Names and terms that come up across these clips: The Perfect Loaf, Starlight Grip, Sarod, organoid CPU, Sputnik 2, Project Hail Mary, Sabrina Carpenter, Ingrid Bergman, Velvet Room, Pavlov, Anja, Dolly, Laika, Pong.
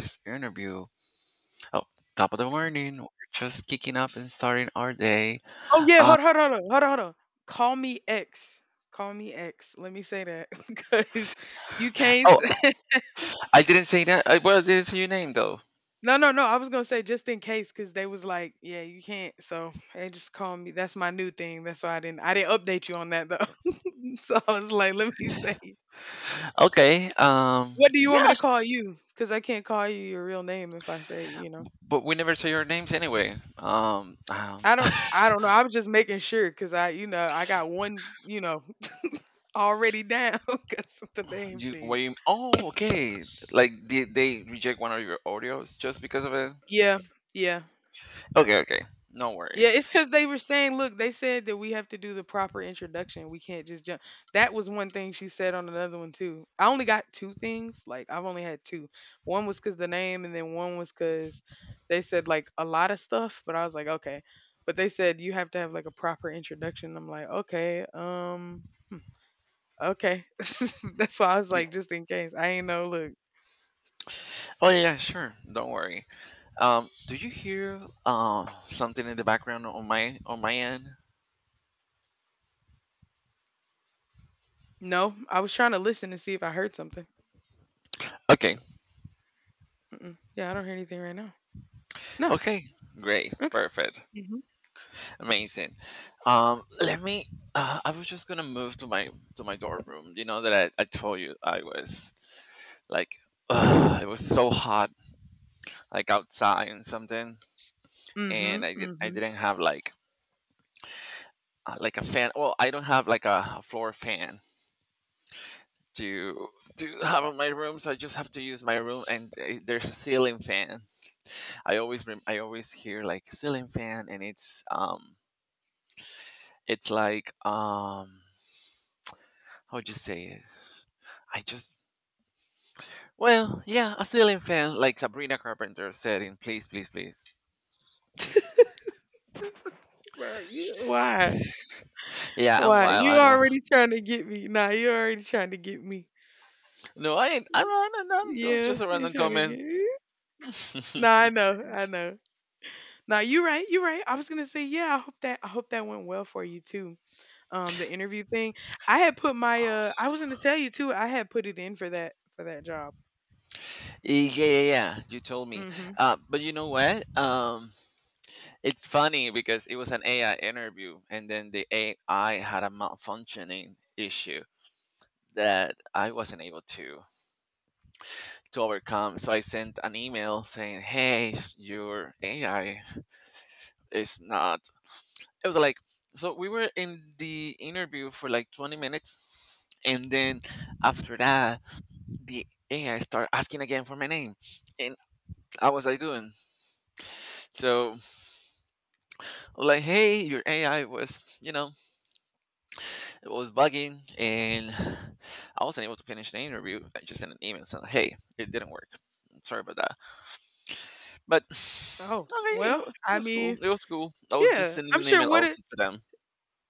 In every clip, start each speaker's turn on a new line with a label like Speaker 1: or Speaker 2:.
Speaker 1: This interview. Oh, top of the morning. We're just kicking up and starting our day.
Speaker 2: Oh yeah,
Speaker 1: Uh,
Speaker 2: hold on, hold on. Call me X. Call me X. Let me say that because you can't.
Speaker 1: oh, I didn't say that. Well, I didn't say your name though.
Speaker 2: No, no, no. I was gonna say just in case because they was like, yeah, you can't. So they just call me. That's my new thing. That's why I didn't. I didn't update you on that though. So I was like, let me say.
Speaker 1: Okay.
Speaker 2: What do you want me to
Speaker 1: Yes,
Speaker 2: call you? Because I can't call you your real name if I say, you know.
Speaker 1: but we never say your names anyway.
Speaker 2: I don't know. I was just making sure because I I got one, already down because of the name
Speaker 1: You. What
Speaker 2: thing.
Speaker 1: you? Oh, okay. Like did they reject one of your audios just because of it?
Speaker 2: Yeah. Yeah.
Speaker 1: Okay. Okay. No
Speaker 2: Yeah,
Speaker 1: worries.
Speaker 2: it's because they were saying, look, they said that we have to do the proper introduction. We can't just jump. That was one thing she said on another one too. I only got two things. Like I've only had two. One was because the name, and then one was because they said like a lot of stuff. But I was like, okay. But they said you have to have like a proper introduction. I'm like, okay. That's why I was
Speaker 1: Yeah.
Speaker 2: like, just in case. I ain't know. Look,
Speaker 1: Oh yeah, yeah, sure. Don't worry. Do you hear something in the background on my end?
Speaker 2: no, I was trying to listen to see if I heard something.
Speaker 1: Okay.
Speaker 2: Mm-mm. Yeah, I don't hear anything right now. No.
Speaker 1: Okay. Great.
Speaker 2: Okay.
Speaker 1: Perfect.
Speaker 2: hmm
Speaker 1: Amazing. Let me. I was just gonna move to my dorm room. You know that I told you I was like, ugh, it was so hot, like outside and something, and
Speaker 2: hmm
Speaker 1: I
Speaker 2: hmm
Speaker 1: didn't have like a fan. Well, I don't have like a floor fan to to have in my room, so I just have to use my room. And there's a ceiling fan. I always hear like ceiling fan, and it's like how would you say it? I just. Well, yeah, a ceiling fan, like Sabrina Carpenter said in Please, Please, Please.
Speaker 2: Bro, you, why?
Speaker 1: Yeah, I'm
Speaker 2: Why?
Speaker 1: wild,
Speaker 2: You
Speaker 1: I know.
Speaker 2: already trying to get me. Nah, you already trying to get me.
Speaker 1: No, I ain't. I'm not, I don't know. No, That was
Speaker 2: Yeah,
Speaker 1: just a
Speaker 2: you
Speaker 1: random
Speaker 2: trying to get
Speaker 1: comment.
Speaker 2: me. Nah,
Speaker 1: yeah,
Speaker 2: I know, I know. Nah, you right, you right. I was gonna say, yeah, I hope that went well for you too. The interview thing. I had put my I was gonna tell you too, I had put it in for that job.
Speaker 1: yeah, yeah, you told me.
Speaker 2: Mm-hmm.
Speaker 1: But you know what? It's funny because it was an AI interview, and then the AI had a malfunctioning issue that I wasn't able to overcome. So I sent an email saying, "Hey, your AI is not. It was like, so we were in the interview for like 20 minutes, and then after that, the ai started asking again for my name, and how was I doing. So like, hey, your ai was, you know, it was bugging, and I wasn't able to finish the interview. I just sent an email saying, hey, it didn't work, sorry about that." But
Speaker 2: Oh,
Speaker 1: okay,
Speaker 2: well,
Speaker 1: it
Speaker 2: I
Speaker 1: was cool,
Speaker 2: mean,
Speaker 1: it was cool. I was just
Speaker 2: yeah.
Speaker 1: sending
Speaker 2: I'm
Speaker 1: an
Speaker 2: sure
Speaker 1: email
Speaker 2: what it
Speaker 1: also to them.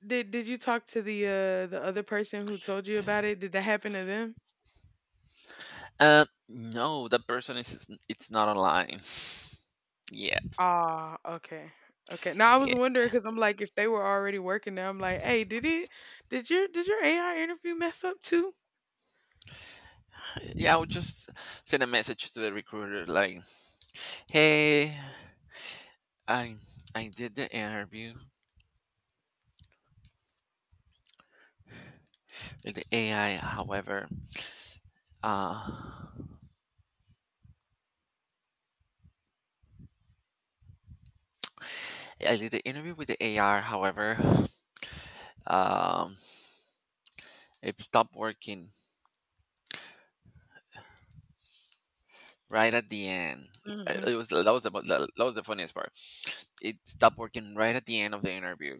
Speaker 2: did you talk to the other person who told you about it? Did that happen to them?
Speaker 1: No, that person is, it's not online. Yeah.
Speaker 2: Ah, okay. Okay. Now I was wondering because I'm like, if they were already working there, I'm like, hey, did it? Did your AI interview mess up too?
Speaker 1: Yeah, I'll just send a message to the recruiter like, "Hey, I I did the interview with the AI. However, uh, I did the interview with the AR. However, um, it stopped working right at the end.
Speaker 2: Mm-hmm.
Speaker 1: It was That was the that was the funniest part. It stopped working right at the end of the interview."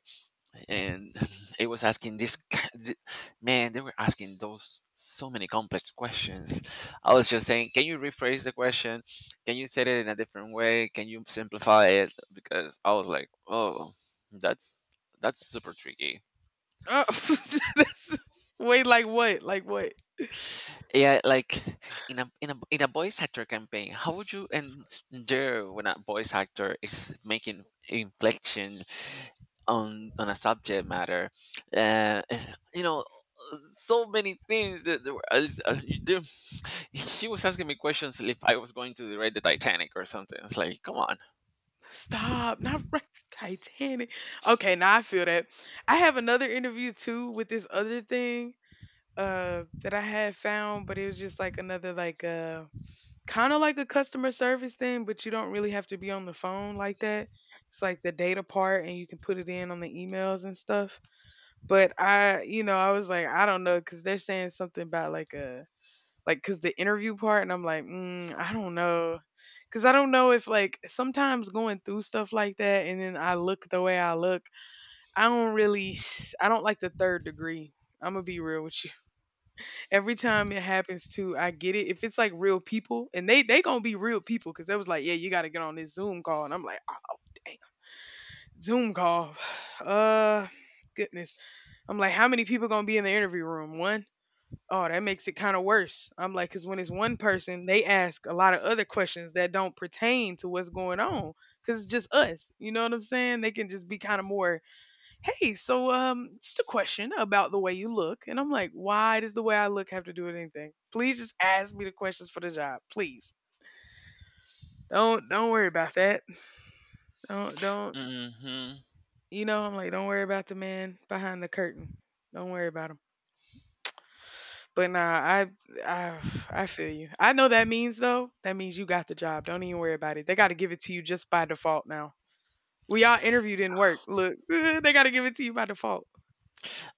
Speaker 1: And it was asking this man, they were asking those so many complex questions. I was just saying, can you rephrase the question, can you say it in a different way, can you simplify it, because I was like, oh, that's that's super tricky.
Speaker 2: Oh, that's, wait, like what? Like what?
Speaker 1: Yeah, like, in a voice actor campaign, how would you endure when a voice actor is making inflection on a subject matter, and you know, so many things that there were, I was- you do- she was asking me questions if I was going to direct the titanic or something. It's like, come on.
Speaker 2: Stop! Not right, Titanic. Okay, now I feel that. I have another interview too with this other thing that I had found, but it was just like another, like, kind of like a customer service thing, but you don't really have to be on the phone like that. It's like the data part, and you can put it in on the emails and stuff. But I, you know, I was like, I don't know, because they're saying something about like a, like, because the interview part, and I'm like, mm, I don't know, because I don't know if like sometimes going through stuff like that, and then I look the way I look, I don't really, I don't like the third degree. I'm gonna be real with you. Every time it happens too, I get it. If it's like real people, and they gonna be real people, because they was like, yeah, you gotta get on this Zoom call, and I'm like, oh damn, Zoom call, uh, goodness. I'm like, how many people gonna be in the interview room? One. Oh, that makes it kind of worse. I'm like, because when it's one person, they ask a lot of other questions that don't pertain to what's going on, because it's just us. You know what I'm saying? They can just be kind of more. Hey, so just a question about the way you look. And I'm like, why does the way I look have to do with anything? Please just ask me the questions for the job. Please. Don't worry about that. Don't
Speaker 1: Hmm.
Speaker 2: You know, I'm like, don't worry about the man behind the curtain. Don't worry about him. But nah, I I feel you. I know that means though. That means you got the job. Don't even worry about it. They gotta give it to you just by default now. We all interview didn't work. Look, they gotta give it to you by default.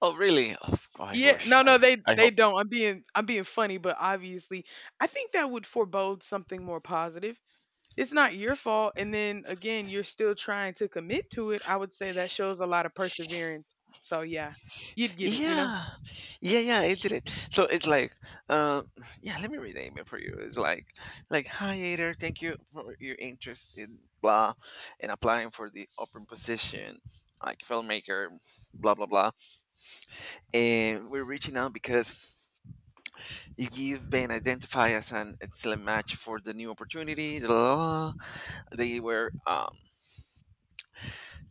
Speaker 1: Oh really? I
Speaker 2: Yeah,
Speaker 1: wish,
Speaker 2: no, no,
Speaker 1: I
Speaker 2: they
Speaker 1: hope.
Speaker 2: don't. I'm being funny, but obviously, I think that would forebode something more positive. It's not your fault, and then again, you're still trying to commit to it. I would say that shows a lot of perseverance. So yeah, you'd get it, you know.
Speaker 1: Yeah, yeah, yeah, it did it, so it's like, uh, yeah, let me read the email for you. It's like, hi Ader, thank you for your interest in blah, and applying for the open position like filmmaker, blah blah blah, and we're reaching out because you've been identified as an excellent match for the new opportunity. La, la, la. They were um,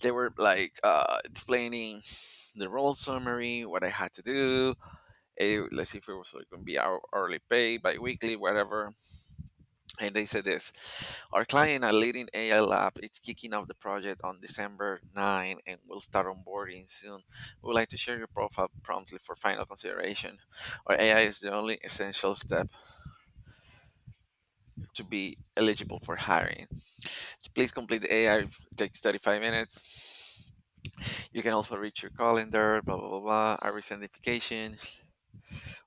Speaker 1: they were like explaining the role summary, what I had to do. Eh, let's see if it was like going to be hourly pay, biweekly, whatever. And they said this: our client, a leading AI lab, it's kicking off the project on December 9, and we'll start onboarding soon. We would like to share your profile promptly for final consideration or AI is the only essential step to be eligible for hiring. Please complete the AI. It takes 35 minutes. You can also reach your calendar, blah, blah, blah, blah. I resend notification.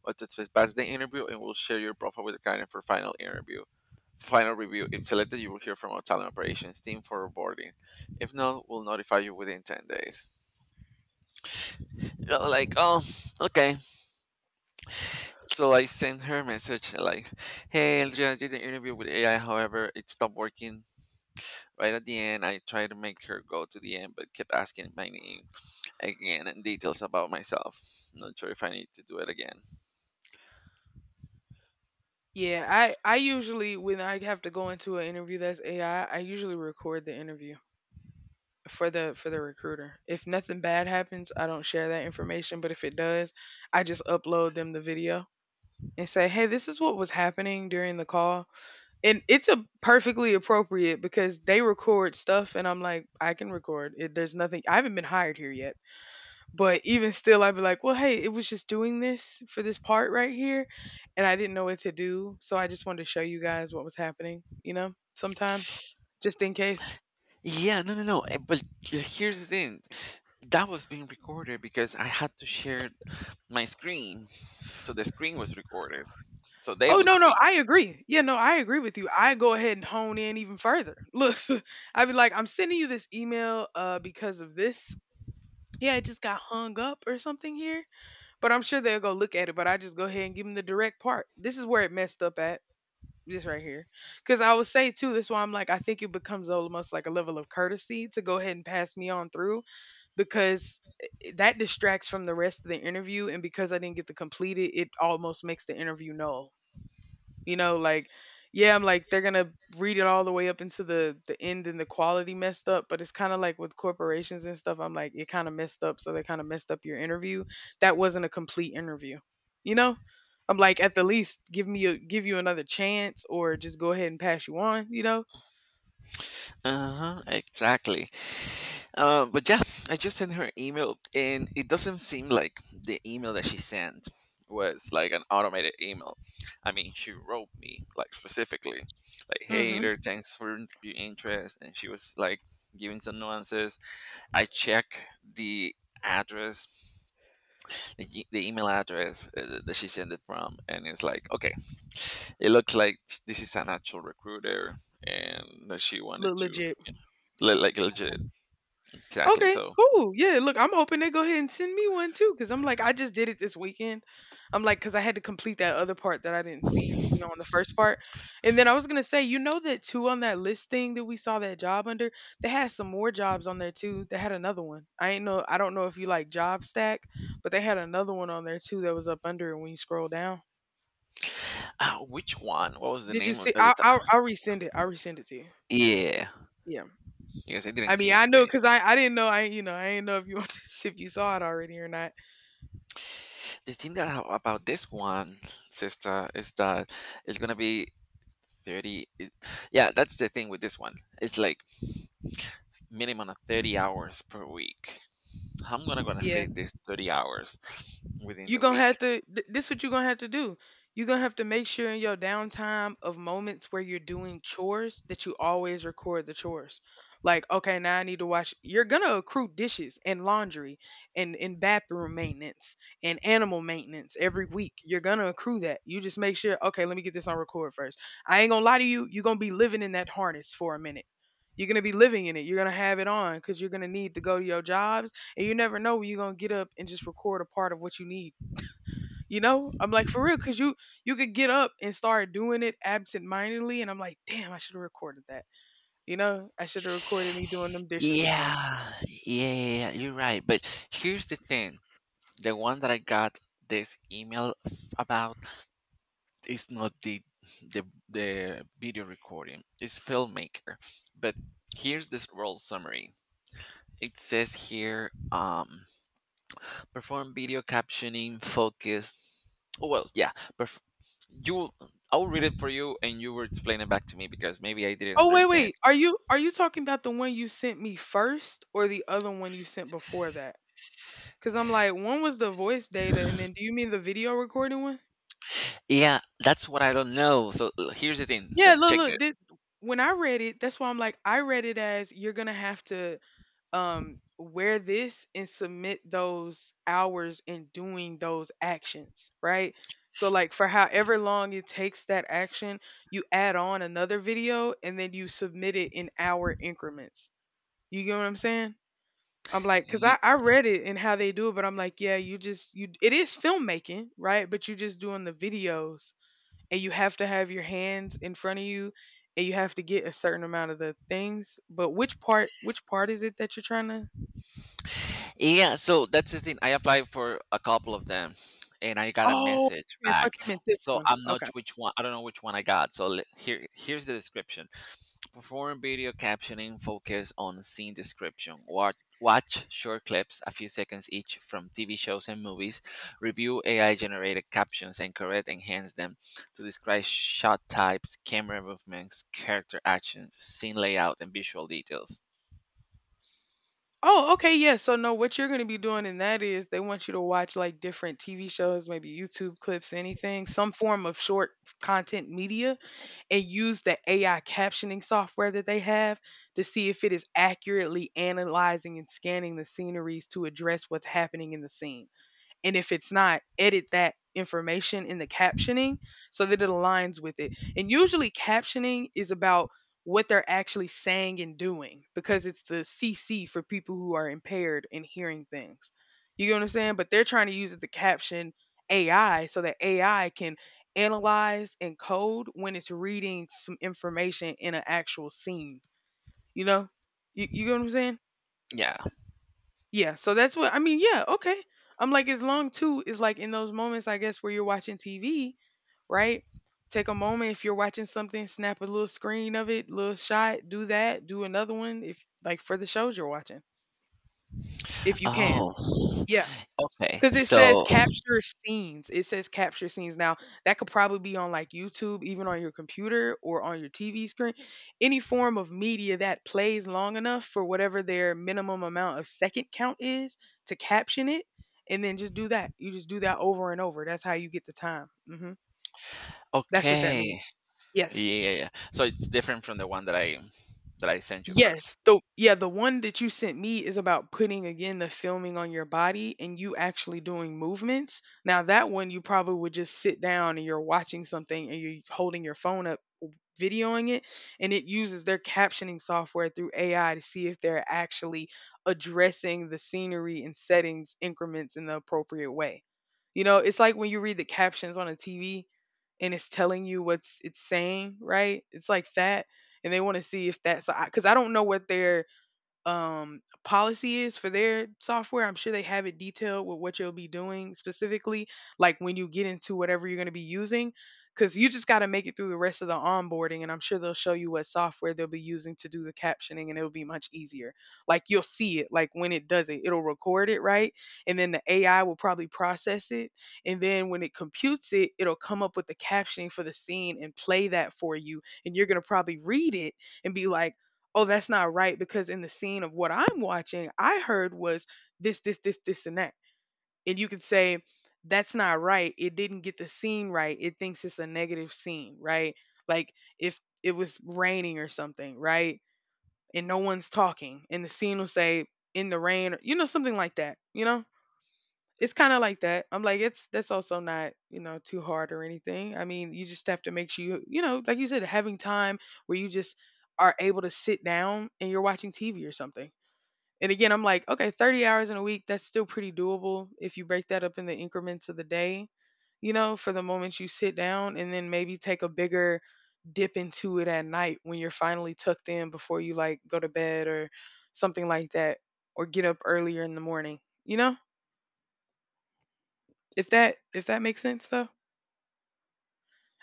Speaker 1: What to expect past the interview, and we'll share your profile with the client for final interview. Final review. If selected, you will hear from our talent operations team for onboarding. If not, we'll notify you within 10 days. Yeah, like, oh, okay. So I sent her a message like, hey, Andrea, I did the interview with AI. However, it stopped working right at the end. I tried to make her go to the end, but kept asking my name again and details about myself. Not sure if I need to do it again.
Speaker 2: Yeah, I usually when I have to go into an interview that's AI, I usually record the interview for the recruiter. If nothing bad happens, I don't share that information, but if it does, I just upload them the video and say, "Hey, this is what was happening during the call." And it's a perfectly appropriate because they record stuff and I'm like I can record it, there's nothing. I haven't been hired here yet, but even still I'd be like, well, hey, it was just doing this for this part right here, and I didn't know what to do, so I just wanted to show you guys what was happening, you know, sometimes, just in case.
Speaker 1: Yeah, no, no, no. But here's the thing, that was being recorded because I had to share my screen. So the screen was recorded. So they
Speaker 2: Oh
Speaker 1: would
Speaker 2: no, no,
Speaker 1: see.
Speaker 2: I agree. Yeah, no, I agree with you. I go ahead and hone in even further. Look, I'd be like, I'm sending you this email because of this. Yeah, it just got hung up or something here. But I'm sure they'll go look at it, but I just go ahead and give them the direct part. This is where it messed up at. This right here. Because I would say, too, that's why I'm like, I think it becomes almost like a level of courtesy to go ahead and pass me on through because that distracts from the rest of the interview. And because I didn't get to complete it, it almost makes the interview null, you know, like, yeah, I'm like, they're gonna read it all the way up into the end, and the quality messed up. But it's kind of like with corporations and stuff, I'm like, it kind of messed up, so they kind of messed up your interview. That wasn't a complete interview, you know. I'm like, at the least, give me a, give you another chance, or just go ahead and pass you on, you know.
Speaker 1: Uh huh. Exactly. But yeah, I just sent her an email, and it doesn't seem like the email that she sent was like an automated email. I mean, she wrote me like specifically, like, "Hey
Speaker 2: Mm-hmm.
Speaker 1: there, thanks for your interest," and she was like giving some nuances. I check the address, the email address that she sent it from, and it's like, okay, it looks like this is an actual recruiter, and that she wanted
Speaker 2: Look
Speaker 1: to,
Speaker 2: legit.
Speaker 1: you know, like legit, exactly.
Speaker 2: Okay,
Speaker 1: So,
Speaker 2: cool. Yeah, look, I'm hoping they go ahead and send me one too, because I'm like, I just did it this weekend. I'm like, because I had to complete that other part that I didn't see, you know, on the first part. And then I was gonna say, you know, that two on that list thing that we saw that job under, they had some more jobs on there too. They had another one. I ain't know, I don't know if you like job stack, but they had another one on there too that was up under. And when you scroll down,
Speaker 1: ah, which one? What was the
Speaker 2: did you
Speaker 1: name of
Speaker 2: see?
Speaker 1: the
Speaker 2: I'll
Speaker 1: title?
Speaker 2: resend it. I'll resend it to you.
Speaker 1: Yeah,
Speaker 2: Yeah,
Speaker 1: because I didn't
Speaker 2: I mean,
Speaker 1: see
Speaker 2: I know
Speaker 1: anything.
Speaker 2: because I didn't know, I, you know, I didn't know if you if you saw it already or not.
Speaker 1: The thing that I, about this one, sister, is that it's gonna be thirty. it- yeah, that's the thing with this one. It's like minimum of 30 hours per week. How am gonna
Speaker 2: Yeah,
Speaker 1: fit this 30 hours within
Speaker 2: you're
Speaker 1: the
Speaker 2: gonna have
Speaker 1: week?
Speaker 2: to this what you're gonna have to do. You're gonna have to make sure in your downtime of moments where you're doing chores that you always record the chores. Like, okay, now I need to wash, you're gonna accrue dishes and laundry and bathroom maintenance and animal maintenance. Every week you're gonna accrue that. You just make sure, okay, let me get this on record first. I ain't gonna lie to you, you're gonna be living in that harness for a minute. You're gonna be living in it, you're gonna have it on because you're gonna need to go to your jobs, and you never know when you're gonna get up and just record a part of what you need. You know, I'm like, for real, cause you could get up and start doing it absentmindedly, and I'm like, damn, I should have recorded that. You know, I should have recorded me doing them dishes or something.
Speaker 1: Yeah, yeah, yeah, yeah, you're right. But here's the thing: the one that I got this about, it's not the the video recording, it's filmmaker. But here's this role summary. It says here, perform video captioning focus. Oh, well yeah. perf- you I'll read it for you and you will explain it back to me, because maybe I didn't
Speaker 2: Oh wait,
Speaker 1: understand.
Speaker 2: wait, are you talking about the one you sent me first, or the other one you sent before that? Cause I'm like, one was the voice data, and then do you mean the video recording one?
Speaker 1: Yeah, that's what I don't know. So here's the thing,
Speaker 2: Yeah, look,
Speaker 1: check
Speaker 2: look.
Speaker 1: that.
Speaker 2: This, when I read it, that's why I'm like, I read it as you're gonna have to wear this and submit those hours in doing those actions, right? So like for however long it takes that action, you add on another video and then you submit it in hour increments. You get what I'm saying? I'm like because I read it and how they do it, but I'm like, yeah, you just you it is filmmaking, right? But you're just doing the videos and you have to have your hands in front of you and you have to get a certain amount of the things. But which part is it that you're trying to?
Speaker 1: Yeah, so that's the thing. I applied for a couple of them and I got a
Speaker 2: Oh,
Speaker 1: message
Speaker 2: okay, I thought
Speaker 1: back.
Speaker 2: you meant this
Speaker 1: So
Speaker 2: one.
Speaker 1: I'm not
Speaker 2: Okay.
Speaker 1: which one, I don't know which one I got. So here, here's the description. Perform video captioning focus on scene description. Watch short clips a few seconds each from TV shows and movies. Review AI generated captions and correct enhance them to describe shot types, camera movements, character actions, scene layout and visual details.
Speaker 2: Oh, okay, yeah. So no, what you're gonna be doing in that is they want you to watch like different TV shows, maybe YouTube clips, anything, some form of short content media, and use the AI captioning software that they have to see if it is accurately analyzing and scanning the sceneries to address what's happening in the scene. And if it's not, edit that information in the captioning so that it aligns with it. And usually captioning is about what they're actually saying and doing because it's the CC for people who are impaired in hearing things. You get what I'm saying? But they're trying to use it to caption AI so that AI can analyze and code when it's reading some information in an actual scene. You know? You get what I'm saying?
Speaker 1: Yeah.
Speaker 2: Yeah, so that's what I mean, yeah, okay. I'm like as long too is like in those moments I guess where you're watching TV, right? Take a moment if you're watching something, snap a little screen of it, little shot, do that, do another one if like for the shows you're watching. If you can.
Speaker 1: Oh,
Speaker 2: Yeah.
Speaker 1: okay.
Speaker 2: Because it says
Speaker 1: So,
Speaker 2: capture scenes. It says capture scenes. Now, that could probably be on like YouTube, even on your computer or on your TV screen. Any form of media that plays long enough for whatever their minimum amount of second count is to caption it. And then just do that. You just do that over and over. That's how you get the time. That's what that means.
Speaker 1: okay.
Speaker 2: Yes.
Speaker 1: Yeah, yeah. So it's different from the one that I sent you first.
Speaker 2: Yes, the yeah, the one that you sent me is about putting again the filming on your body and you actually doing movements. Now that one you probably would just sit down and you're watching something and you're holding your phone up videoing it, and it uses their captioning software through AI to see if they're actually addressing the scenery and settings increments in the appropriate way. You know, it's like when you read the captions on a TV and it's telling you what's it's saying, right? It's like that, and they want to see if that's because 'cause I don't know what their policy is for their software. I'm sure they have it detailed with what you'll be doing specifically, like when you get into whatever you're going to be using, because you just got to make it through the rest of the onboarding. And I'm sure they'll show you what software they'll be using to do the captioning, and it'll be much easier. Like you'll see it, like when it does it, it'll record it, right? And then the AI will probably process it. And then when it computes it, it'll come up with the captioning for the scene and play that for you. And you're going to probably read it and be like, oh, that's not right because in the scene of what I'm watching, I heard was this, this, this, this, and that. And you could say, that's not right. It didn't get the scene right. It thinks it's a negative scene, right? Like if it was raining or something, right? And no one's talking, and the scene will say, in the rain, or, you know, something like that, you know? It's kind of like that. I'm like, it's that's also not, you know, too hard or anything. I mean, you just have to make sure you, you know, like you said, having time where you just are able to sit down and you're watching TV or something. And again, I'm like, okay, 30 hours in a week, that's still pretty doable if you break that up in the increments of the day, you know, for the moments you sit down and then maybe take a bigger dip into it at night when you're finally tucked in before you like go to bed or something like that, or get up earlier in the morning, you know? If that makes sense though.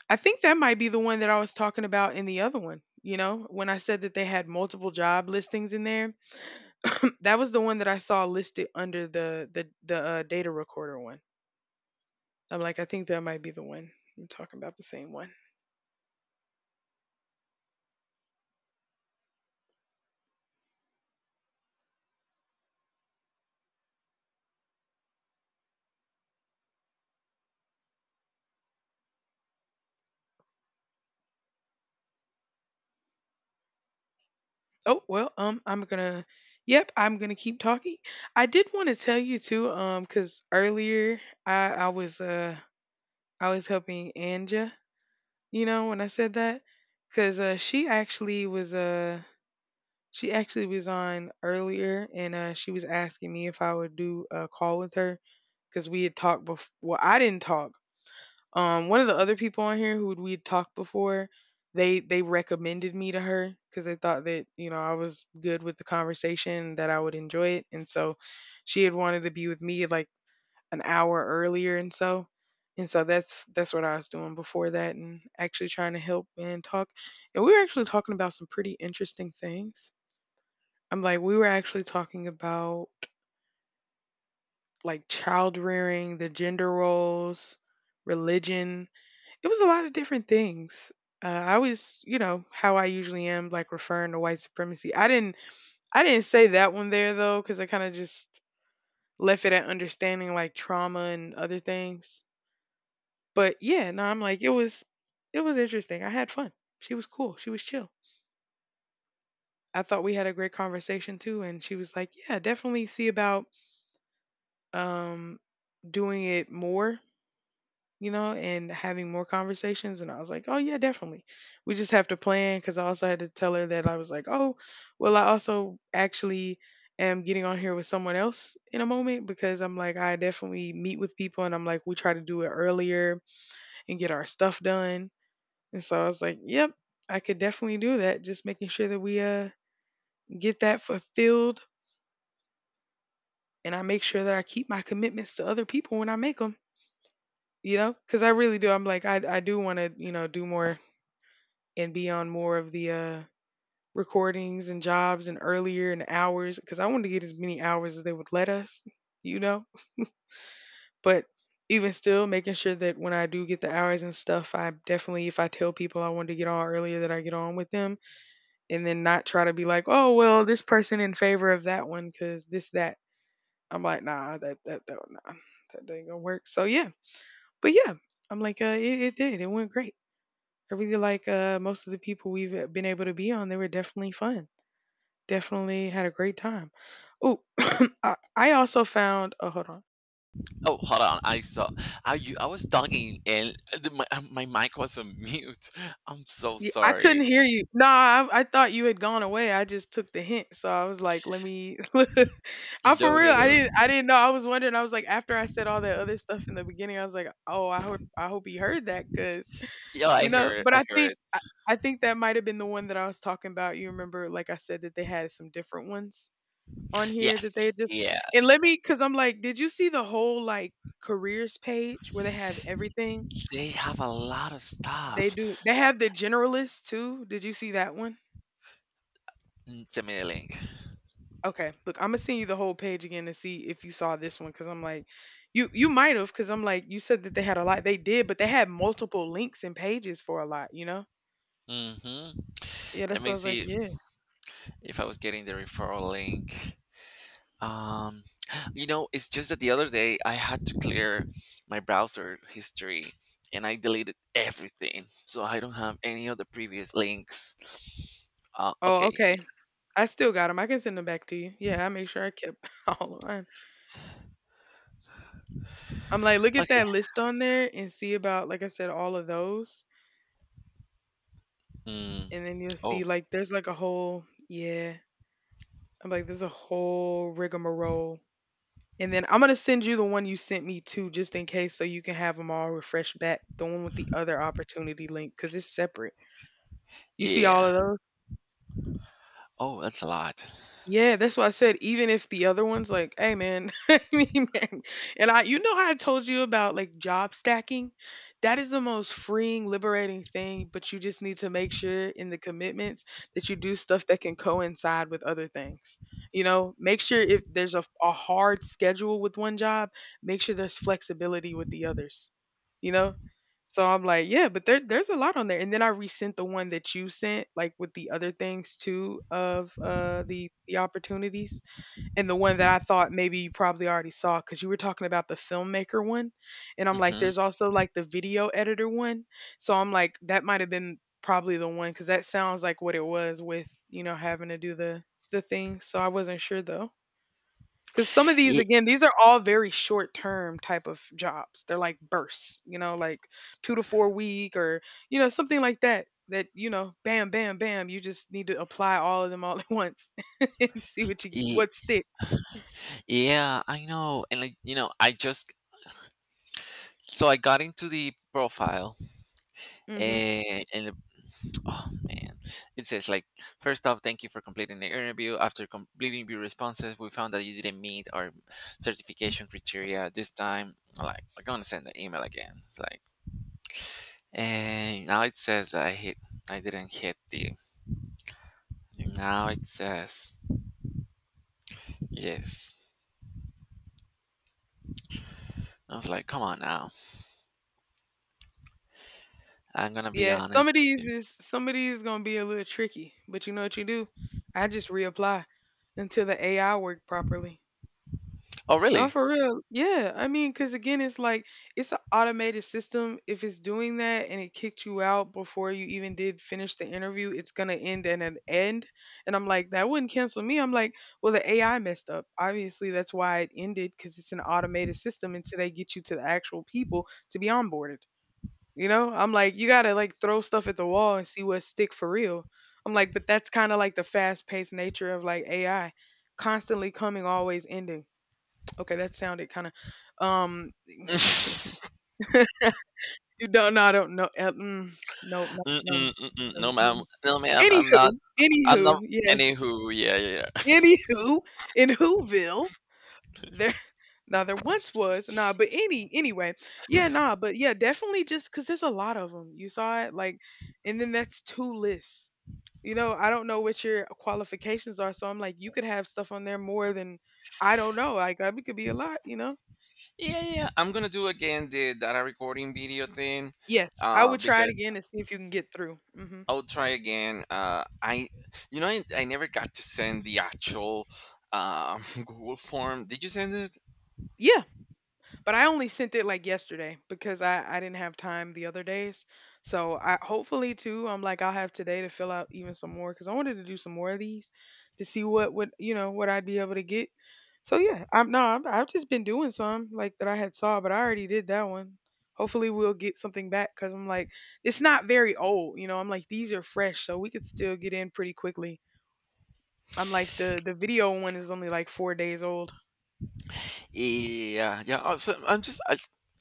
Speaker 2: I think that might be the one that I was talking about in the other one, you know, when I said that they had multiple job listings in there. That was the one that I saw listed under the data recorder one. I'm like, I think that might be the one. I'm talking about the same one. Oh, well, I'm gonna, yep, I'm gonna keep talking. I did want to tell you too, because earlier I was, I was helping Anja. You know, when I said that, because she actually was on earlier, and she was asking me if I would do a call with her because we had talked before. Well, I didn't talk. One of the other people on here who we had talked before, they recommended me to her because they thought that, you know, I was good with the conversation, that I would enjoy it, and so she had wanted to be with me like an hour earlier, and so that's what I was doing before that and actually trying to help and talk. And we were actually talking about some pretty interesting things. I'm like we were actually talking about like child rearing, the gender roles, religion. It was a lot of different things. I was, you know, how I usually am, like referring to white supremacy. I didn't say that one there though, because I kind of just left it at understanding like trauma and other things. But yeah, no, I'm like it was interesting. I had fun. She was cool. She was chill. I thought we had a great conversation too, and she was like, "Yeah, definitely see about um doing it more, you know, and having more conversations." And I was like, "Oh yeah, definitely. We just have to plan cuz I also had to tell her that I was like, "Oh, well, I also actually am getting on here with someone else in a moment because I'm like I definitely meet with people and I'm like we try to do it earlier and get our stuff done. And so I was like, yep, I could definitely do that. Just making sure that we get that fulfilled, and I make sure that I keep my commitments to other people when I make them, you know? Cuz I really do. I'm like I do want to, you know, do more and be on more of the recordings and jobs and earlier and hours cuz I wanted to get as many hours as they would let us, you know? But even still making sure that when I do get the hours and stuff, I definitely if I tell people I want to get on earlier that I get on with them, and then not try to be like, oh well, this person in favor of that one because this that. I'm like, nah, that that that nah, that ain't gonna work. So yeah, but yeah, I'm like, it did, it went great. I really like most of the people we've been able to be on. They were definitely fun. Definitely had a great time. Oh, I also found. Oh, hold on.
Speaker 1: Oh, hold on. I saw. I was talking and my my mic was on mute. I'm so
Speaker 2: Yeah, I couldn't
Speaker 1: sorry.
Speaker 2: hear you. No, I thought you had gone away. I just took the hint, so I was like, let me. I'm
Speaker 1: No,
Speaker 2: for
Speaker 1: no,
Speaker 2: real. I
Speaker 1: no.
Speaker 2: didn't I didn't know. I was wondering. I was like, after I said all that other stuff in the beginning, I was like, oh, I hope he heard that because
Speaker 1: Yeah,
Speaker 2: you know. But
Speaker 1: I heard it.
Speaker 2: I think that might have been the one that I was talking about. You remember, like I said, that they had some different ones on here that they
Speaker 1: Yes,
Speaker 2: just and let
Speaker 1: yes.
Speaker 2: me because I'm like, did you see the whole like careers page where they have everything?
Speaker 1: They have a lot of
Speaker 2: They do.
Speaker 1: stuff.
Speaker 2: They have the generalist too. Did you see that one?
Speaker 1: Mm, send me the link.
Speaker 2: Okay, look, I'm gonna send you the whole page again to see if you saw this one because I'm like, you might have because I'm like, you said that they had a lot, they did, but they had multiple links and pages for a lot, you know?
Speaker 1: Mm-hmm.
Speaker 2: Yeah,
Speaker 1: Let
Speaker 2: that's what I
Speaker 1: me
Speaker 2: was like,
Speaker 1: see
Speaker 2: yeah.
Speaker 1: if I was getting the referral link. Um, you know, it's just that the other day I had to clear my browser history and I deleted everything, so I don't have any of the previous links.
Speaker 2: Oh,
Speaker 1: Okay,
Speaker 2: okay.
Speaker 1: yeah,
Speaker 2: I still got them. I can send them back to you. Yeah, I make sure I kept all of mine. I'm like, look at
Speaker 1: okay.
Speaker 2: that list on there and see about, like I said, all of those,
Speaker 1: Mm,
Speaker 2: and then you'll
Speaker 1: oh,
Speaker 2: see like there's like a whole yeah. I'm like, there's a whole rigmarole. And then I'm gonna send you the one you sent me too, just in case, so you can have them all refreshed back. The one with the other opportunity link, because it's separate. You see
Speaker 1: yeah.
Speaker 2: all of those?
Speaker 1: Oh, that's a lot.
Speaker 2: Yeah, that's why I said even if the other one's like, "Hey, man," I mean, man. And I, you know, how I told you about like job stacking. That is the most freeing, liberating thing. But you just need to make sure in the commitments that you do stuff that can coincide with other things. You know, make sure if there's a hard schedule with one job, make sure there's flexibility with the others. You know, so I'm like, yeah, but there's a lot on there. And then I resent the one that you sent, like with the other things too of the opportunities. And the one that I thought maybe you probably already saw because you were talking about the filmmaker one. And I'm like,
Speaker 1: Mm-hmm.
Speaker 2: there's also like the video editor one. So I'm like, that might have been probably the one because that sounds like what it was with, you know, having to do the thing. So I wasn't sure though. Because some of these,
Speaker 1: Yeah,
Speaker 2: again, these are all very short term type of jobs. They're like bursts, you know, like 2 to 4 week or, you know, something like that. That, you know, bam, bam, bam. You just need to apply all of them all at once and see what you what sticks.
Speaker 1: yeah, I know. And like, you know, I just so I got into the profile
Speaker 2: Hmm.
Speaker 1: and the oh man. It says like, first off, thank you for completing the interview. After completing your responses, we found that you didn't meet our certification criteria this time. I'm like, I'm gonna send the email again. It's like, and now it says that I didn't hit the, now it says yes. I was like, come on now. I'm gonna be
Speaker 2: Yeah,
Speaker 1: honest with you."
Speaker 2: some of these gonna be a little tricky, but you know what you do? I just reapply until the AI work properly.
Speaker 1: Oh
Speaker 2: Oh,
Speaker 1: really?
Speaker 2: for real. Yeah. I mean, because again, it's like it's an automated system. If it's doing that and it kicked you out before you even did finish the interview, it's going to end in an end. And I'm like, that wouldn't cancel me. I'm like, well, the AI messed up. Obviously, that's why it ended because it's an automated system until they get you to the actual people to be onboarded. You know, I'm like, you got to like throw stuff at the wall and see what stick for real. I'm like, but that's kind of like the fast paced nature of like AI constantly coming, always ending. Okay, that sounded kinda, um, you don't no, I don't know, no, no, no,
Speaker 1: Mm-mm, mm-mm.
Speaker 2: mm.
Speaker 1: No ma'am,
Speaker 2: mm.
Speaker 1: no ma'am. I'm not.
Speaker 2: Anywho,
Speaker 1: I'm
Speaker 2: anywho,
Speaker 1: not.
Speaker 2: yeah,
Speaker 1: Anywho, yeah, yeah, yeah.
Speaker 2: anywho, in Whoville, there now there once was nah, but any anyway, yeah, nah, but yeah, definitely just because there's a lot of them. You saw it? Like and then that's 2 lists, you know? I don't know what your qualifications are, so I'm like, you could have stuff on there more than I don't know, like, it could be a lot, you know?
Speaker 1: Yeah, yeah, yeah. I'm gonna do again the data recording video thing,
Speaker 2: Yes, I would try it
Speaker 1: because
Speaker 2: again and see if you can get through, mhm.
Speaker 1: I'll try again. You know, I never got to send the actual Google form. Did you send it?
Speaker 2: Yeah, but I only sent it like yesterday because I didn't have time the other days. So I hopefully too I'm like I'll have today to fill out even some more because I wanted to do some more of these to see what would you know what I'd be able to get. So yeah, I'm no I'm, I've just been doing some like that I had saw, but I already did that one. Hopefully we'll get something back because I'm like it's not very old, you know. I'm like these are fresh, so we could still get in pretty quickly. I'm like the video one is only like 4 days old.
Speaker 1: Yeah, yeah. Oh, so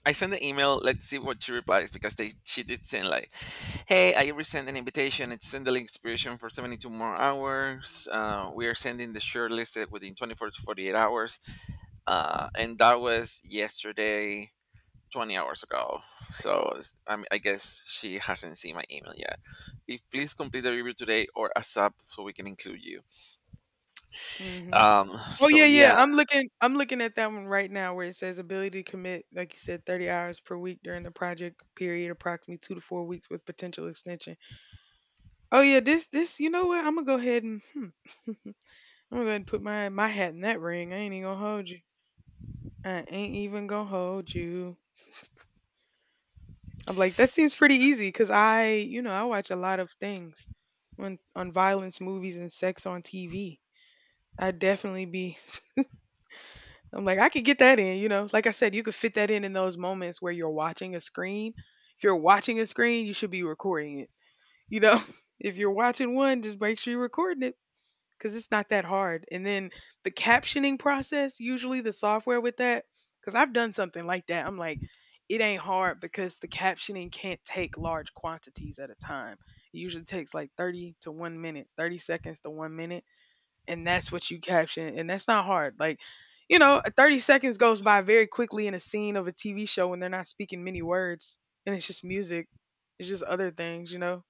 Speaker 1: I sent the email. Let's see what she replies, because they she did send like, hey, I resend an invitation. It's send the link expiration for 72 more hours. We are sending the share listed within 24 to 48 hours. And that was yesterday, 20 hours ago. So I mean, I guess she hasn't seen my email yet. If, please complete the review today or ASAP so we can include you.
Speaker 2: Hmm.
Speaker 1: Um.
Speaker 2: Oh
Speaker 1: So
Speaker 2: yeah, yeah.
Speaker 1: yeah,
Speaker 2: I'm looking at that one right now where it says ability to commit, like you said, 30 hours per week during the project period, approximately 2 to 4 weeks with potential extension. Oh yeah, this you know what? I'm gonna go ahead and hmm, I'm gonna go ahead and put my hat in that ring. I ain't even gonna hold you. I ain't even gonna hold you. I'm like that seems pretty easy because I you know I watch a lot of things on violence movies and sex on TV. I definitely be I'm like, I could get that in, you know. Like I said, you could fit that in those moments where you're watching a screen. If you're watching a screen, you should be recording it. You know, if you're watching one, just make sure you're recording it because it's not that hard. And then the captioning process, usually the software with that, because I've done something like that. I'm like, it ain't hard because the captioning can't take large quantities at a time. It usually takes like 30 to 1 minute, 30 seconds to 1 minute, and that's what you caption, and that's not hard. Like, you know, 30 seconds goes by very quickly in a scene of a TV show when they're not speaking many words and it's just music, it's just other things, you know.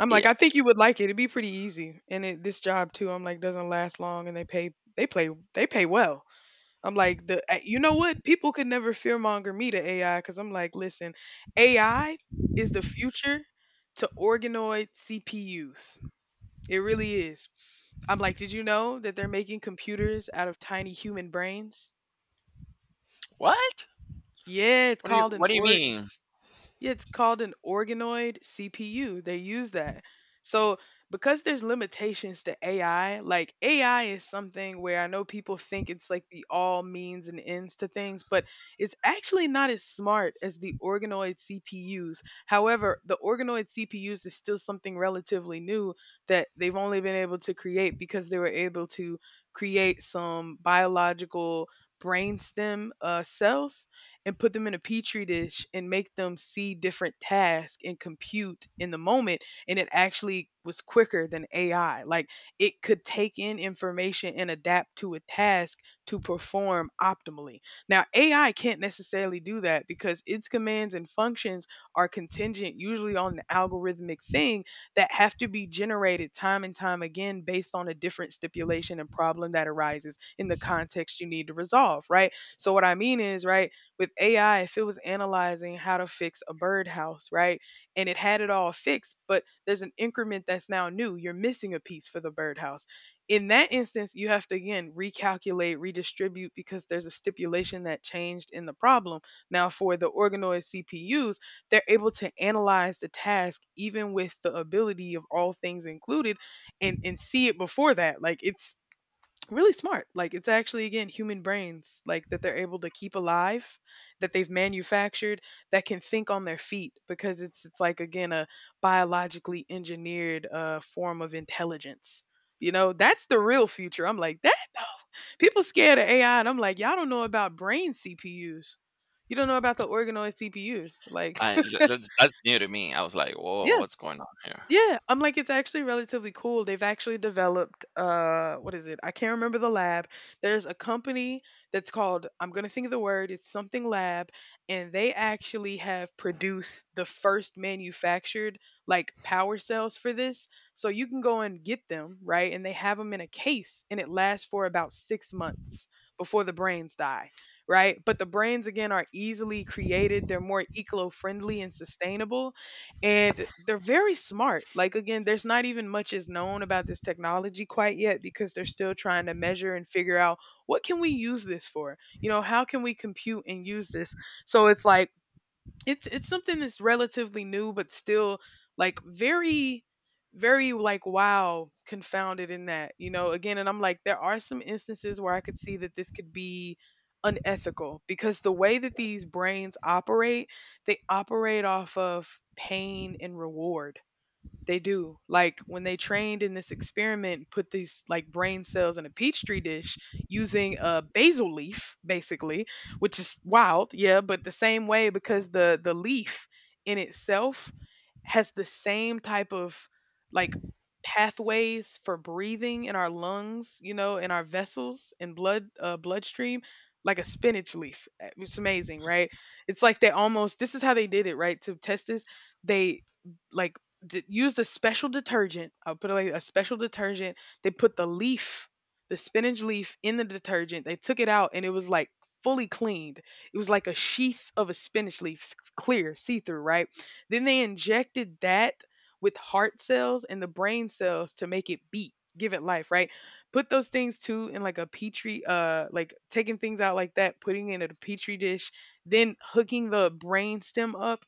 Speaker 2: I'm like,
Speaker 1: yeah.
Speaker 2: I think you would like it. It'd be pretty easy, and it, this job too, I'm like, doesn't last long, and they pay well. I'm like the you know what, people could never fearmonger me to AI because I'm like, listen, AI is the future to organoid CPUs. It really is. I'm like, did you know that they're making computers out of tiny human brains?
Speaker 1: What?
Speaker 2: Yeah, it's called an
Speaker 1: What do you
Speaker 2: or
Speaker 1: mean?
Speaker 2: Yeah, it's called an organoid CPU. They use that. So because there's limitations to AI, like AI is something where I know people think it's like the all means and ends to things, but it's actually not as smart as the organoid CPUs. However, the organoid CPUs is still something relatively new that they've only been able to create because they were able to create some biological brainstem cells and put them in a petri dish and make them see different tasks and compute in the moment, and it actually was quicker than AI. Like, it could take in information and adapt to a task to perform optimally. Now AI can't necessarily do that because its commands and functions are contingent usually on an algorithmic thing that have to be generated time and time again based on a different stipulation and problem that arises in the context you need to resolve, right? So what I mean is, right, with AI, if it was analyzing how to fix a birdhouse, right? And it had it all fixed, but there's an increment that's now new. You're missing a piece for the birdhouse. In that instance, you have to again recalculate, redistribute because there's a stipulation that changed in the problem. Now, for the organoid CPUs, they're able to analyze the task even with the ability of all things included and see it before that. Like, it's really smart. Like, it's actually again human brains like that they're able to keep alive that they've manufactured that can think on their feet because it's like again a biologically engineered form of intelligence. You know, that's the real future. I'm like, that people scared of AI, and I'm like, y'all don't know about brain CPUs. You don't know about the organoid CPUs. Like,
Speaker 1: That's new to me. I was like, whoa,
Speaker 2: yeah.
Speaker 1: what's going on here?
Speaker 2: Yeah, I'm like it's actually relatively cool. They've actually developed what is it? I can't remember the lab. There's a company that's called, I'm going to think of the word, it's something lab, and they actually have produced the first manufactured like power cells for this. So you can go and get them, right? And they have them in a case and it lasts for about 6 months before the brains die, right? But the brains again are easily created. They're more eco-friendly and sustainable, and they're very smart. Like, again, there's not even much is known about this technology quite yet because they're still trying to measure and figure out what can we use this for, you know, how can we compute and use this. So it's like it's something that's relatively new, but still like very, very like wow confounded in that, you know, again. And I'm like, there are some instances where I could see that this could be unethical because the way that these brains operate, they operate off of pain and reward. They do. Like when they trained in this experiment, and put these like brain cells in a petri dish using a basil leaf, basically, which is wild, yeah, but the same way because the leaf in itself has the same type of like pathways for breathing in our lungs, you know, in our vessels and blood bloodstream, like a spinach leaf. It's amazing, right? It's like they almost this is how they did it, right? To test this, they like used a special detergent. I'll put it like a special detergent. They put the leaf, the spinach leaf, in the detergent. They took it out, and it was like fully cleaned. It was like a sheath of a spinach leaf, clear, see through, right? Then they injected that with heart cells and the brain cells to make it beat, give it life, right? Put those things too in like a petri, like taking things out like that, putting it in a petri dish, then hooking the brain stem up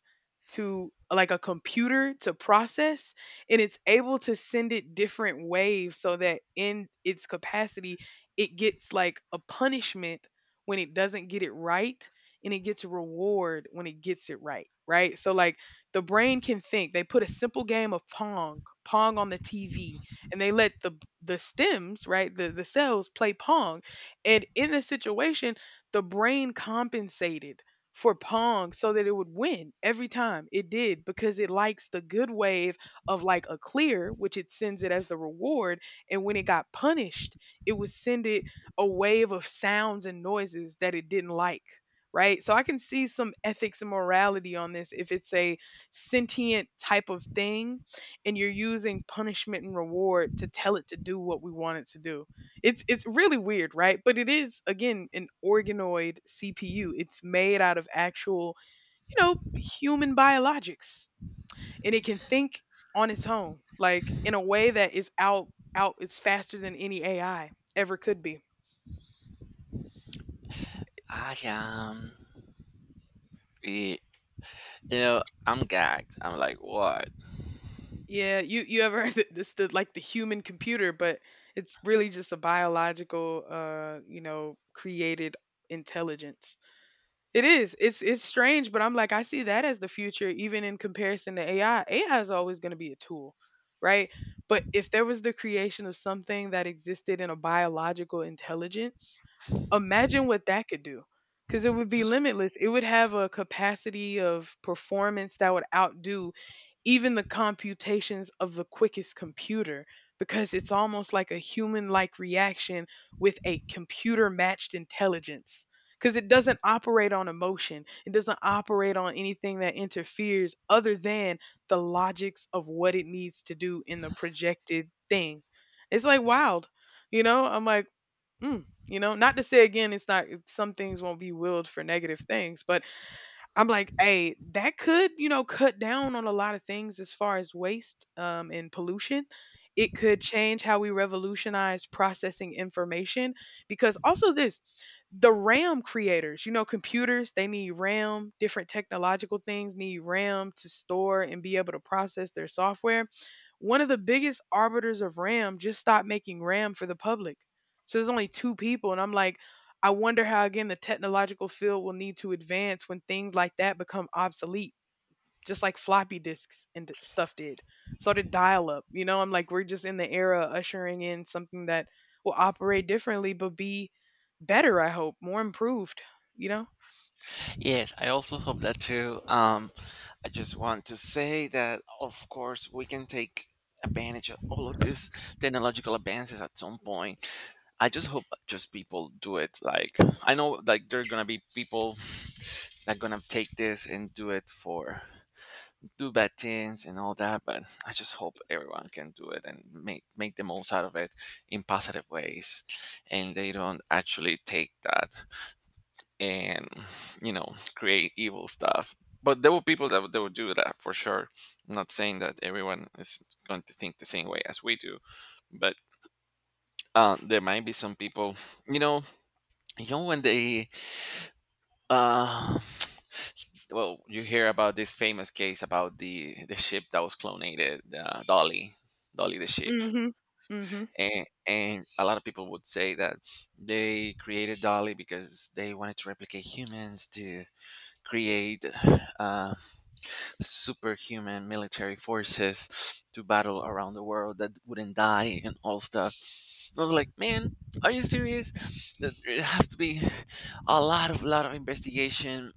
Speaker 2: to like a computer to process, and it's able to send it different waves so that in its capacity it gets like a punishment when it doesn't get it right, and it gets a reward when it gets it right, right? So like the brain can think. They put a simple game of pong on the TV, and they let the stems, right, the cells play pong. And in this situation, the brain compensated for Pong so that it would win every time. It did, because it likes the good wave of like a clear, which it sends it as the reward. And when it got punished, it would send it a wave of sounds and noises that it didn't like. Right. So I can see some ethics and morality on this if it's a sentient type of thing and you're using punishment and reward to tell it to do what we want it to do. It's really weird, right? But it is, again, an organoid CPU. It's made out of actual, you know, human biologics. And it can think on its own, like in a way that is out, it's faster than any AI ever could be.
Speaker 1: I um, y- you know, I'm gagged. I'm like, what?
Speaker 2: Yeah, you ever heard that this, the like the human computer, but it's really just a biological, you know, created intelligence. It is. It's strange, but I'm like, I see that as the future, even in comparison to AI. AI is always going to be a tool, right? But if there was the creation of something that existed in a biological intelligence, imagine what that could do. Cuz it would be limitless. It would have a capacity of performance that would outdo even the computations of the quickest computer, because it's almost like a human like reaction with a computer matched intelligence, because it doesn't operate on emotion, it doesn't operate on anything that interferes other than the logics of what it needs to do in the projected thing. It's like wild, you know, I'm like, you know, not to say, again, it's not, some things won't be willed for negative things, but I'm like, hey, that could, you know, cut down on a lot of things as far as waste and pollution. It could change how we revolutionize processing information, because also this, the RAM creators, you know, computers, they need RAM, different technological things need RAM to store and be able to process their software. One of the biggest arbiters of RAM just stopped making RAM for the public. So there's only two people. And I'm like, I wonder how, again, the technological field will need to advance when things like that become obsolete, just like floppy disks and stuff did. So did dial up. You know, I'm like, we're just in the era ushering in something that will operate differently, but be better, I hope, more improved, you know?
Speaker 1: Yes, I also hope that too. I just want to say that, of course, we can take advantage of all of these technological advances at some point. I just hope just people do it. Like I know, like there are gonna be people that gonna take this and do it for do bad things and all that. But I just hope everyone can do it and make the most out of it in positive ways, and they don't actually take that and create evil stuff. But there were people that, that would do that for sure. I'm not saying that everyone is going to think the same way as we do, but there might be some people. You know you know when they uh, well, you hear about this famous case about the ship that was clonated, Dolly. Dolly the ship.
Speaker 2: Hmm. Hmm.
Speaker 1: And a lot of people would say that they created Dolly because they wanted to replicate humans to create uh, superhuman military forces to battle around the world that wouldn't die and all stuff. I was like, man, are you serious? That It has to be a lot of investigation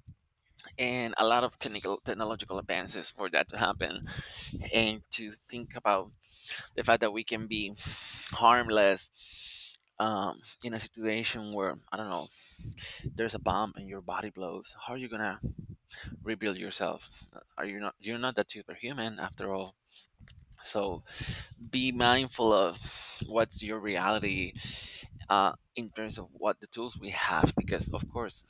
Speaker 1: and a lot of technical technological advances for that to happen. And to think about the fact that we can be harmless, in a situation where, I don't know, there's a bomb and your body blows. How are you gonna rebuild yourself? Are you not? You're not that superhuman after all. So be mindful of what's your reality, in terms of what the tools we have, because of course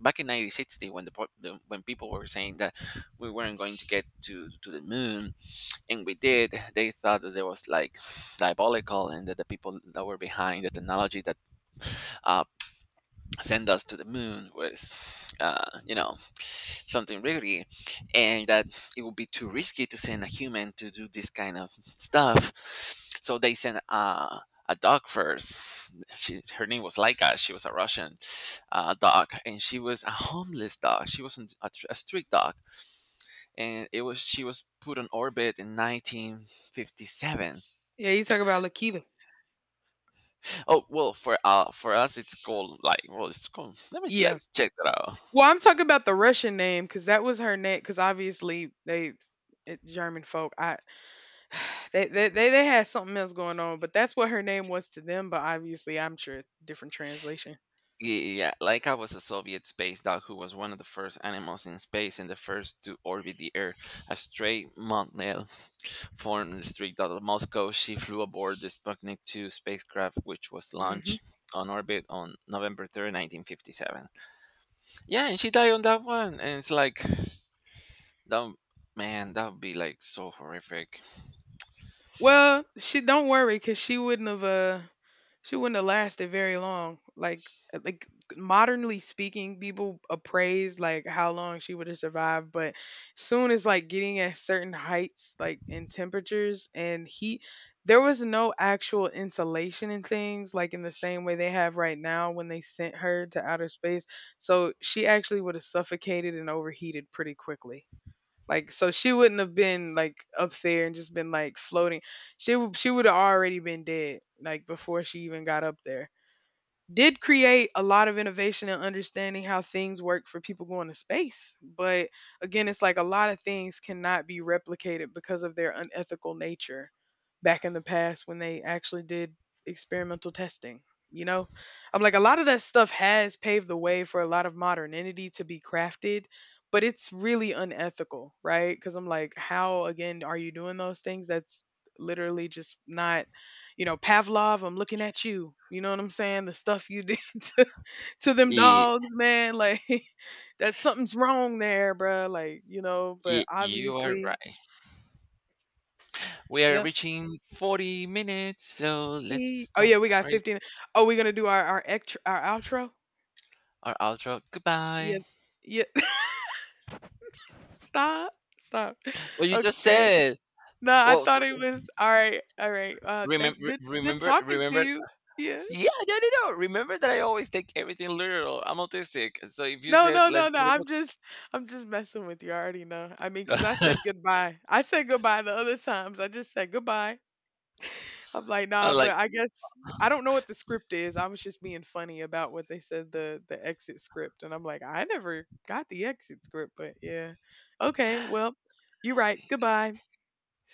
Speaker 1: back in 1960 when the, po- the when people were saying that we weren't going to get to the moon, and we did, they thought that it was like diabolical, and that the people that were behind the technology that uh, send us to the moon was uh, you know something really. And that it would be too risky to send a human to do this kind of stuff, so they sent a dog first. Her name was Laika. She was a Russian dog, and she was a homeless dog. She wasn't a, a street dog. And it was, she was put on orbit in 1957.
Speaker 2: Yeah, you talk about Lakita.
Speaker 1: Oh well, for us it's called like, well, it's called, let me,
Speaker 2: Yeah.
Speaker 1: let's check that out.
Speaker 2: Well, I'm talking about the Russian name because that was her name. Because obviously they, it, German folk. I they, they had something else going on, but that's what her name was to them. But obviously, I'm sure it's different translation.
Speaker 1: Yeah, Laika was a Soviet space dog who was one of the first animals in space and the first to orbit the Earth. A stray montmel formed the street out of Moscow. She flew aboard the Sputnik 2 spacecraft, which was
Speaker 2: Hmm.
Speaker 1: launched on orbit on November 3rd, 1957. Yeah, and she died on that one. And it's like, that, man, that would be like so horrific.
Speaker 2: Well, she, don't worry, cause she wouldn't have, she wouldn't have lasted very long. Like, like modernly speaking, people appraise like how long she would have survived, but soon as like getting at certain heights, like in temperatures and heat, there was no actual insulation and things like in the same way they have right now when they sent her to outer space. So she actually would have suffocated and overheated pretty quickly. Like, so she wouldn't have been like up there and just been like floating. She would have already been dead like before she even got up there. Did create a lot of innovation and understanding how things work for people going to space. But again, it's like a lot of things cannot be replicated because of their unethical nature back in the past when they actually did experimental testing. You know, I'm like, a lot of that stuff has paved the way for a lot of modernity to be crafted, but it's really unethical, right? Because I'm like, how again are you doing those things? That's literally just not, you know, Pavlov, I'm looking at you. You know what I'm saying? The stuff you did to, to them
Speaker 1: Ye-
Speaker 2: dogs, man. Like that, something's wrong there, bruh. Like, you know, but
Speaker 1: You are
Speaker 2: obviously,
Speaker 1: right. We are
Speaker 2: yep.
Speaker 1: reaching 40 minutes, so let's
Speaker 2: Ee. Oh
Speaker 1: stop
Speaker 2: yeah, we got
Speaker 1: right
Speaker 2: 15. Oh, we're gonna do our extra, our outro.
Speaker 1: our outro. Goodbye.
Speaker 2: Yeah, yeah. Stop, stop.
Speaker 1: Well, you just
Speaker 2: Okay.
Speaker 1: said.
Speaker 2: No, I
Speaker 1: Well,
Speaker 2: thought it was all right. All right. Thank good talking to
Speaker 1: remember.
Speaker 2: you. Yeah.
Speaker 1: Yeah, no, no, no. Remember that I always take everything literal. I'm autistic, so if you
Speaker 2: No,
Speaker 1: said
Speaker 2: no, no,
Speaker 1: let's,
Speaker 2: no.
Speaker 1: do
Speaker 2: I'm just, I'm just messing with you. I already know. I mean, 'cause I said
Speaker 1: it,"
Speaker 2: goodbye. I said goodbye the other times. I just said goodbye. I'm like, nah,
Speaker 1: I'm
Speaker 2: but
Speaker 1: like,
Speaker 2: I guess I don't know what the script is. I was just being funny about what they said, the exit script, and I'm like, I never got the exit script, but yeah. Okay, well, you're right. Goodbye.